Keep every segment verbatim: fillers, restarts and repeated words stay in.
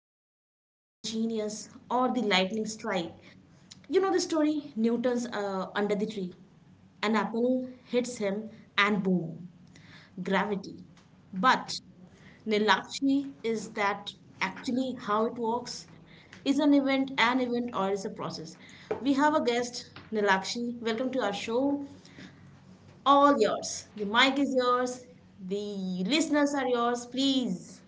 of the lone genius or the lightning strike. You know the story Newton's uh, under the tree. An apple hits him, and boom, gravity. But Nilakshi, is that actually how it works? Is an event an event or is a process? We have a guest, Nilakshi. Welcome to our show. All yours. The mic is yours. The listeners are yours. Please.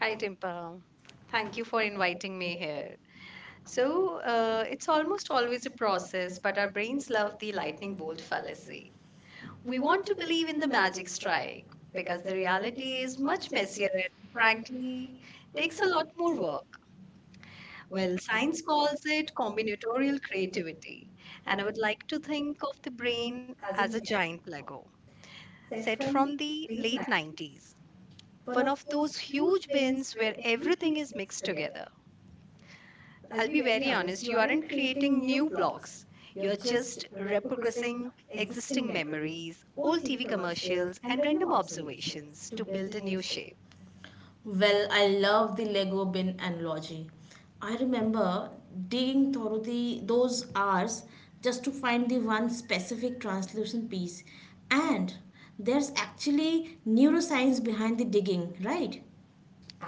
Hi, Timpa. Thank you for inviting me here. So, uh, it's almost always a process, but our brains love the lightning bolt fallacy. We want to believe in the magic strike because the reality is much messier and, frankly, takes a lot more work. Well, science calls it combinatorial creativity, and I would like to think of the brain as a giant Lego set from the late nineties. One of those huge bins where everything is mixed together. I'll be very honest, you aren't creating new blogs. You're just repurposing existing memories, old T V commercials, and random observations to build a new shape. Well, I love the Lego bin analogy. I remember digging through the those hours just to find the one specific translucent piece. And there's actually neuroscience behind the digging, right?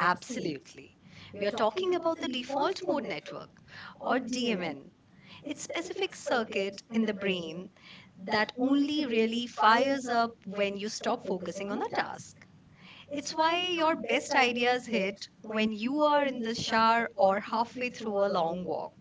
Absolutely. We are talking about the default mode network, or D M N. It's specific circuit in the brain that only really fires up when you stop focusing on a task. It's why your best ideas hit when you are in the shower or halfway through a long walk.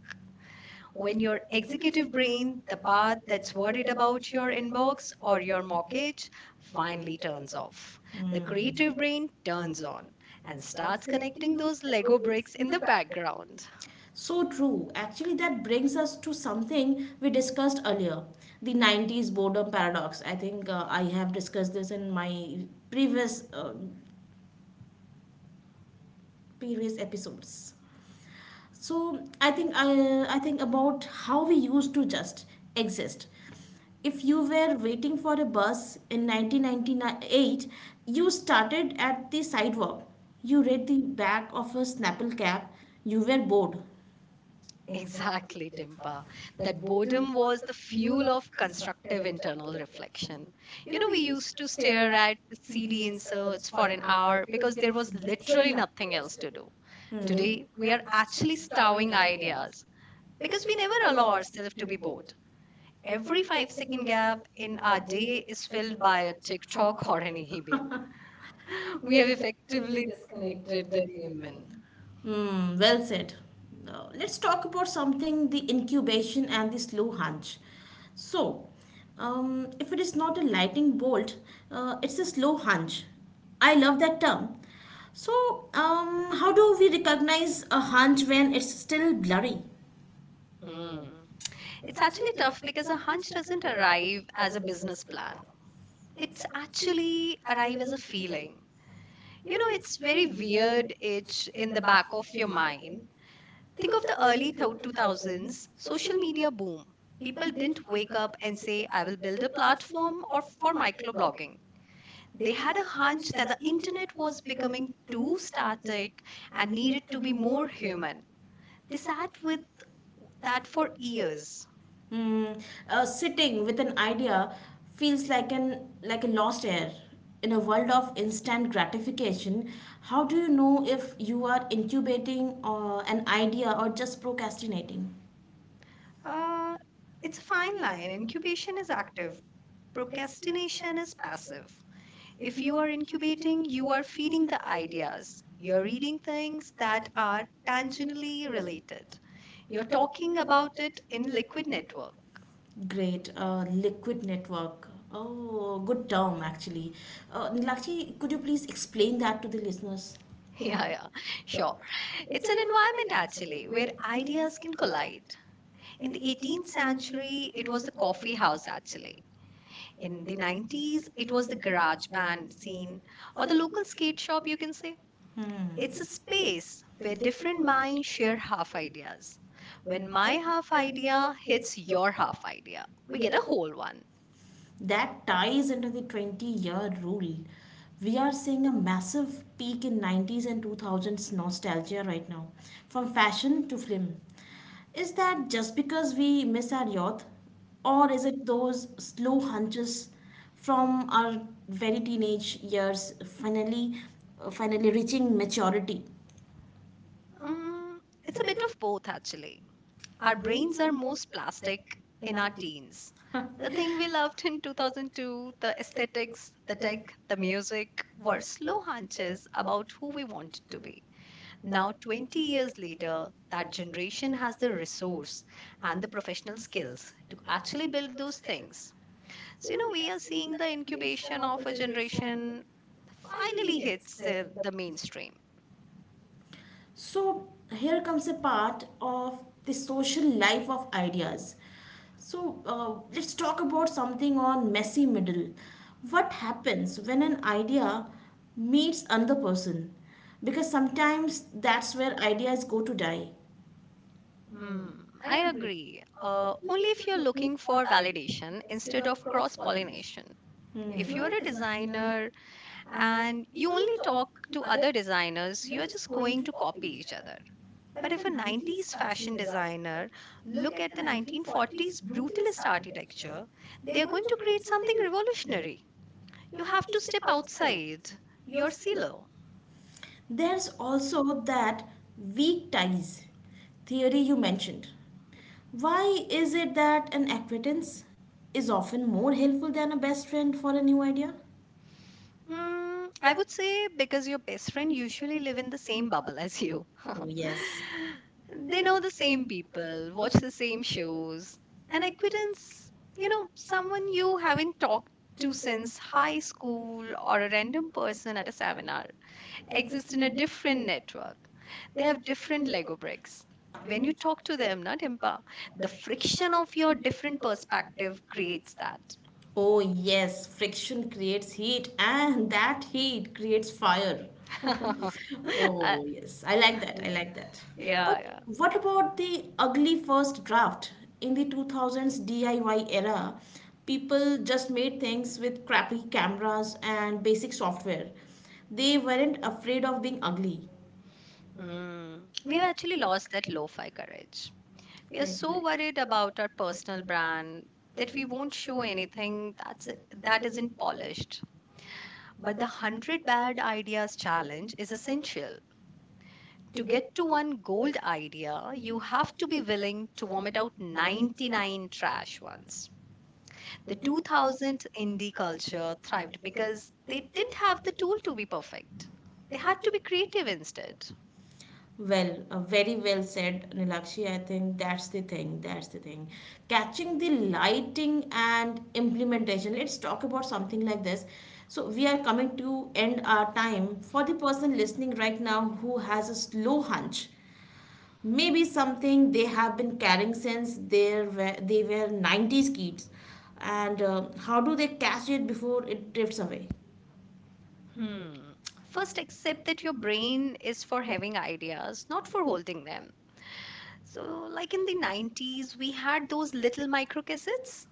When your executive brain, the part that's worried about your inbox or your mortgage, finally turns off, the creative brain turns on and starts connecting those Lego bricks in the background. So true. Actually, that brings us to something we discussed earlier, the nineties boredom paradox. I think uh, I have discussed this in my previous, uh, previous episodes. so i think i, I think about how we used to just exist. If you were waiting for a bus in nineteen ninety-eight, you started at the sidewalk. You read the back of a Snapple cap. You were bored. Exactly, Timpa. That boredom was the fuel of constructive internal reflection. You know, we used to stare at C D inserts for an hour because there was literally nothing else to do. Today, we are actually stowing ideas because we never allow ourselves to be bored. Every five second gap in our day is filled by a TikTok or an email. We have effectively disconnected the human. Mm, well said. Now, let's talk about something, the incubation and the slow hunch. So, um, if it is not a lightning bolt, uh, it's a slow hunch. I love that term. So, um, how do we recognize a hunch when it's still blurry? Hmm. It's actually tough because a hunch doesn't arrive as a business plan. It's actually arrive as a feeling. You know, it's very weird itch in the back of your mind. Think of the early thou- two thousands social media boom. People didn't wake up and say, I will build a platform or for microblogging. They had a hunch that the internet was becoming too static and needed to be more human. They sat with that for years. Mm, uh, Sitting with an idea feels like an like a lost air. In a world of instant gratification, how do you know if you are incubating uh, an idea or just procrastinating? Uh, it's a fine line. Incubation is active, procrastination is passive. If you are incubating, you are feeding the ideas. You're reading things that are tangentially related. You're talking about it in Liquid Network. Great, uh, liquid network. Oh, good term actually. Uh, Nilakshi, could you please explain that to the listeners? Yeah, yeah, sure. It's an environment actually where ideas can collide. In the eighteenth century, it was the coffee house actually. In the nineties, it was the garage band scene or the local skate shop, you can say. Hmm. It's a space where different minds share half ideas. When my half idea hits your half idea, we get a whole one. That ties into the twenty year rule. We are seeing a massive peak in nineties and two thousands nostalgia right now, from fashion to film. Is that just because we miss our youth, or is it those slow hunches from our very teenage years finally uh, finally reaching maturity? Mm, it's a bit of both actually. Our brains are most plastic in our teens. The thing we loved in two thousand two, the aesthetics, the tech, the music were slow hunches about who we wanted to be. Now, twenty years later, that generation has the resource and the professional skills to actually build those things. So, you know, we are seeing the incubation of a generation finally hits the, the mainstream. So here comes a part of the social life of ideas. So uh, let's talk about something on messy middle. What happens when an idea meets another person? Because sometimes that's where ideas go to die. Mm, I agree. Uh, only if you're looking for validation instead of cross pollination. Hmm. If you're a designer and you only talk to other designers, you are just going to copy each other. But if a nineties fashion designer look at the nineteen forties brutalist architecture, they are going to create something revolutionary. You have to step outside your silo. There's also that weak ties theory you mentioned. Why is it that an acquaintance is often more helpful than a best friend for a new idea? Hmm. I would say because your best friend usually live in the same bubble as you. Oh, yes. They know the same people, watch the same shows. And acquaintance, you know, someone you haven't talked to since high school or a random person at a seminar exists in a different network. They have different Lego bricks. When you talk to them, not Impa, the friction of your different perspective creates that. Oh, yes. Friction creates heat, and that heat creates fire. I- Oh, yes. I like that. I like that. But yeah. what about the ugly first draft? In the two thousands D I Y era, people just made things with crappy cameras and basic software. They weren't afraid of being ugly. Mm. We've actually lost that lo-fi courage. We are so Right. worried about our personal brand That that we we won't. won't show anything that's that isn't polished. But the one hundred bad ideas challenge is essential. To get to one gold idea, you have to be willing to vomit out ninety-nine trash ones. The two thousand indie culture thrived because they didn't have the tool to be perfect. They had to be creative instead. Well, uh, very well said, Nilakshi. I think that's the thing. That's the thing. Catching the lighting and implementation. Let's talk about something like this. So we are coming to end our time for the person listening right now who has a slow hunch. Maybe something they have been carrying since they were they were nineties kids. And uh, how do they catch it before it drifts away? Hmm. First, accept that your brain is for having ideas, not for holding them. So, like in the nineties, we had those little microcassettes,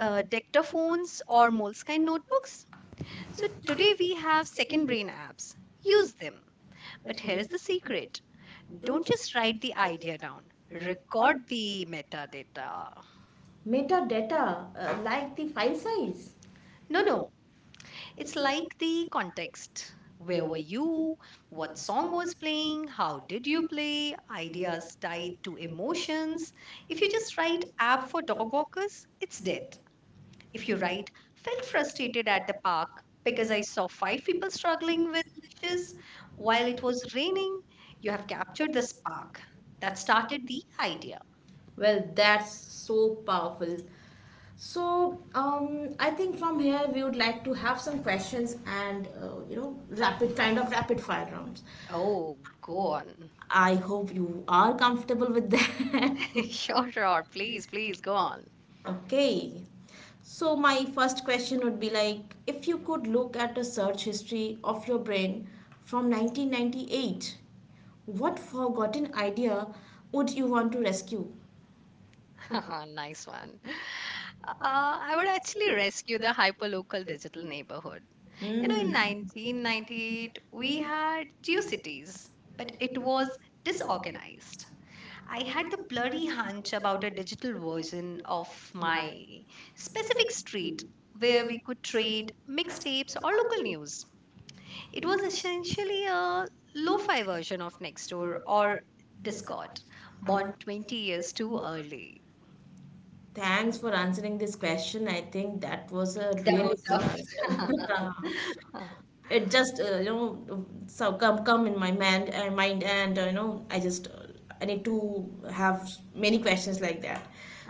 uh, dictaphones, or Moleskine notebooks. So, today we have second brain apps. Use them. But here is the secret: don't just write the idea down, record the metadata. Metadata? Uh, like the file size? No, no, it's like the context. Where were you? What song was playing? How did you play? Ideas tied to emotions. If you just write app for dog walkers, it's dead. If you write felt frustrated at the park because I saw five people struggling with dishes while it was raining, you have captured the spark that started the idea. Well, that's so powerful. So, um, I think from here we would like to have some questions, and uh, you know rapid kind of rapid fire rounds. Oh, go on. I hope you are comfortable with that. Sure, sure. Please, please go on. Okay. So my first question would be, like, if you could look at a search history of your brain from nineteen ninety-eight, what forgotten idea would you want to rescue? Nice one. Uh, I would actually rescue the hyperlocal digital neighborhood. You know, in nineteen ninety-eight, we had GeoCities, but it was disorganized. I had the blurry hunch about a digital version of my specific street where we could trade mixtapes or local news. It was essentially a lo fi version of Nextdoor or Discord, born twenty years too early. Thanks for answering this question. I think that was a That answer. stuff. It just uh, you know so come come in my mind and mind and uh, you know I just uh, I need to have many questions like that.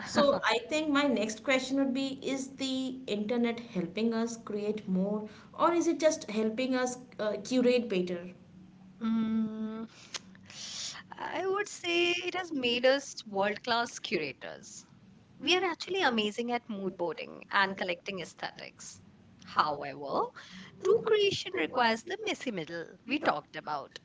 So I think my next question would be: Is the internet helping us create more, or is it just helping us uh, curate better? Mm, I would say it has made us world class curators. We are actually amazing at mood boarding and collecting aesthetics. However, true creation requires the messy middle we talked about.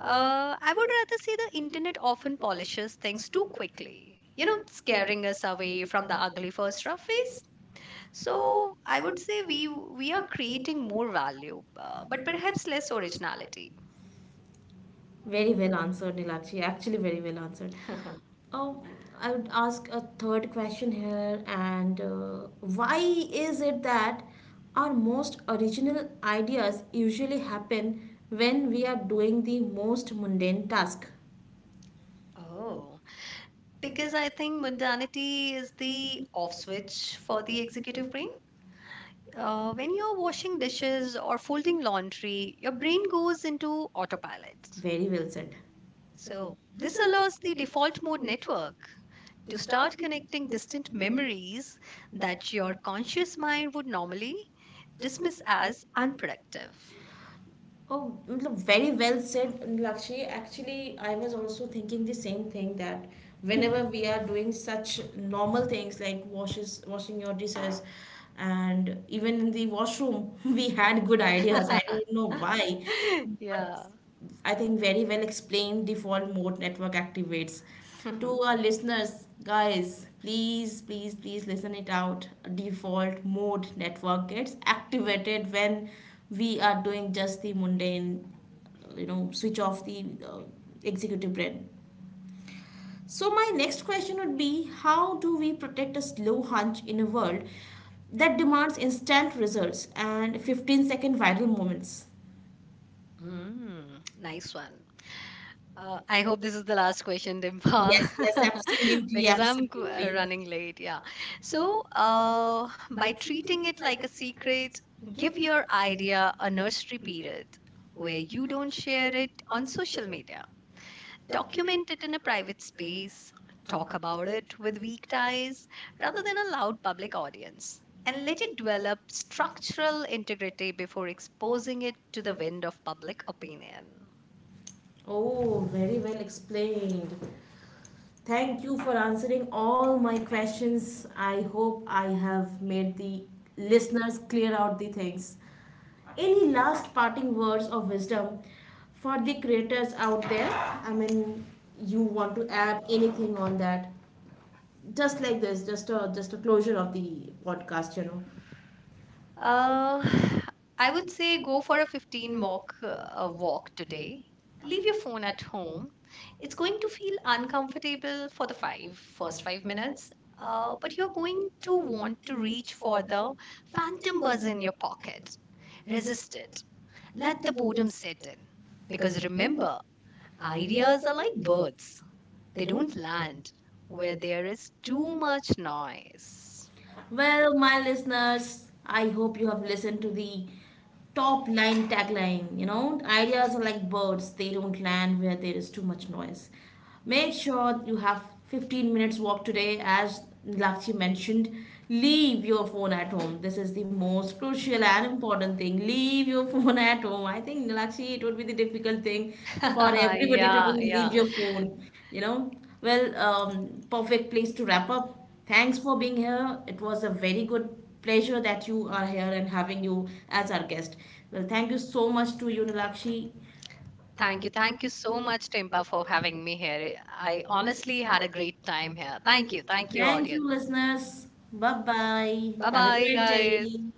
Uh, I would rather say the internet often polishes things too quickly, you know, scaring us away from the ugly first rough phase. So I would say we we are creating more value, uh, but perhaps less originality. Very well answered, Nilakshi. Actually, very well answered. Mhm. Um, I would ask a third question here, and uh, why is it that our most original ideas usually happen when we are doing the most mundane task? Oh, because I think mundanity is the off switch for the executive brain. Uh, when you're washing dishes or folding laundry, your brain goes into autopilot. Very well said. So, this allows the default mode network to start connecting distant memories that your conscious mind would normally dismiss as unproductive. Oh, मतलब very well said, Lakshmi. Actually, I was also thinking the same thing, that whenever we are doing such normal things like washes, washing your dishes, and even in the washroom, we had good ideas. I don't know why. Yeah. I think, very well explained, default mode network activates. To our listeners, guys, please, please, please listen it out. Default mode network gets activated when we are doing just the mundane, uh, you know, switch off the uh, executive brain. So, my next question would be, how do we protect a slow hunch in a world that demands instant results and fifteen second viral moments? Mm, nice one. Uh, I hope this is the last question, Dimpa, because I'm qu- uh, running late. Yeah. So, uh, by treating it like a secret, give your idea a nursery period where you don't share it on social media. Document it in a private space, talk about it with weak ties rather than a loud public audience, and let it develop structural integrity before exposing it to the wind of public opinion. Oh, very well explained. Thank you for answering all my questions. I hope I have made the listeners clear out the things. Any last parting words of wisdom for the creators out there? I mean, you want to add anything on that? Just like this, just a just a closure of the podcast, you know. Uh, I would say go for a fifteen walk uh, walk today. Leave your phone at home. It's going to feel uncomfortable for the five first five minutes, uh, but you're going to want to reach for the phantom buzz in your pocket. Resist it. Let the boredom set in. Because remember, ideas are like birds. They don't land where there is too much noise. Well, my listeners, I hope you have listened to the top line tagline. You know, ideas are like birds, they don't land where there is too much noise. Make sure you have fifteen minutes walk today, as Lakshmi mentioned. Leave your phone at home. This is the most crucial and important thing. Leave your phone at home. I think, Lakshmi, it would be the difficult thing for everybody to yeah Yeah, do. Leave yeah. yeah your phone, you know. Well, um, perfect place to wrap up. Thanks for being here. It was a very good pleasure that you are here and having you as our guest. Well, thank you so much to you, Nilakshi. Thank you. Thank you so much, Timpa, for having me here. I honestly had a great time here. Thank you. Thank you, Thank you, audience. listeners. Bye bye. Bye Have a bye, great guys. day.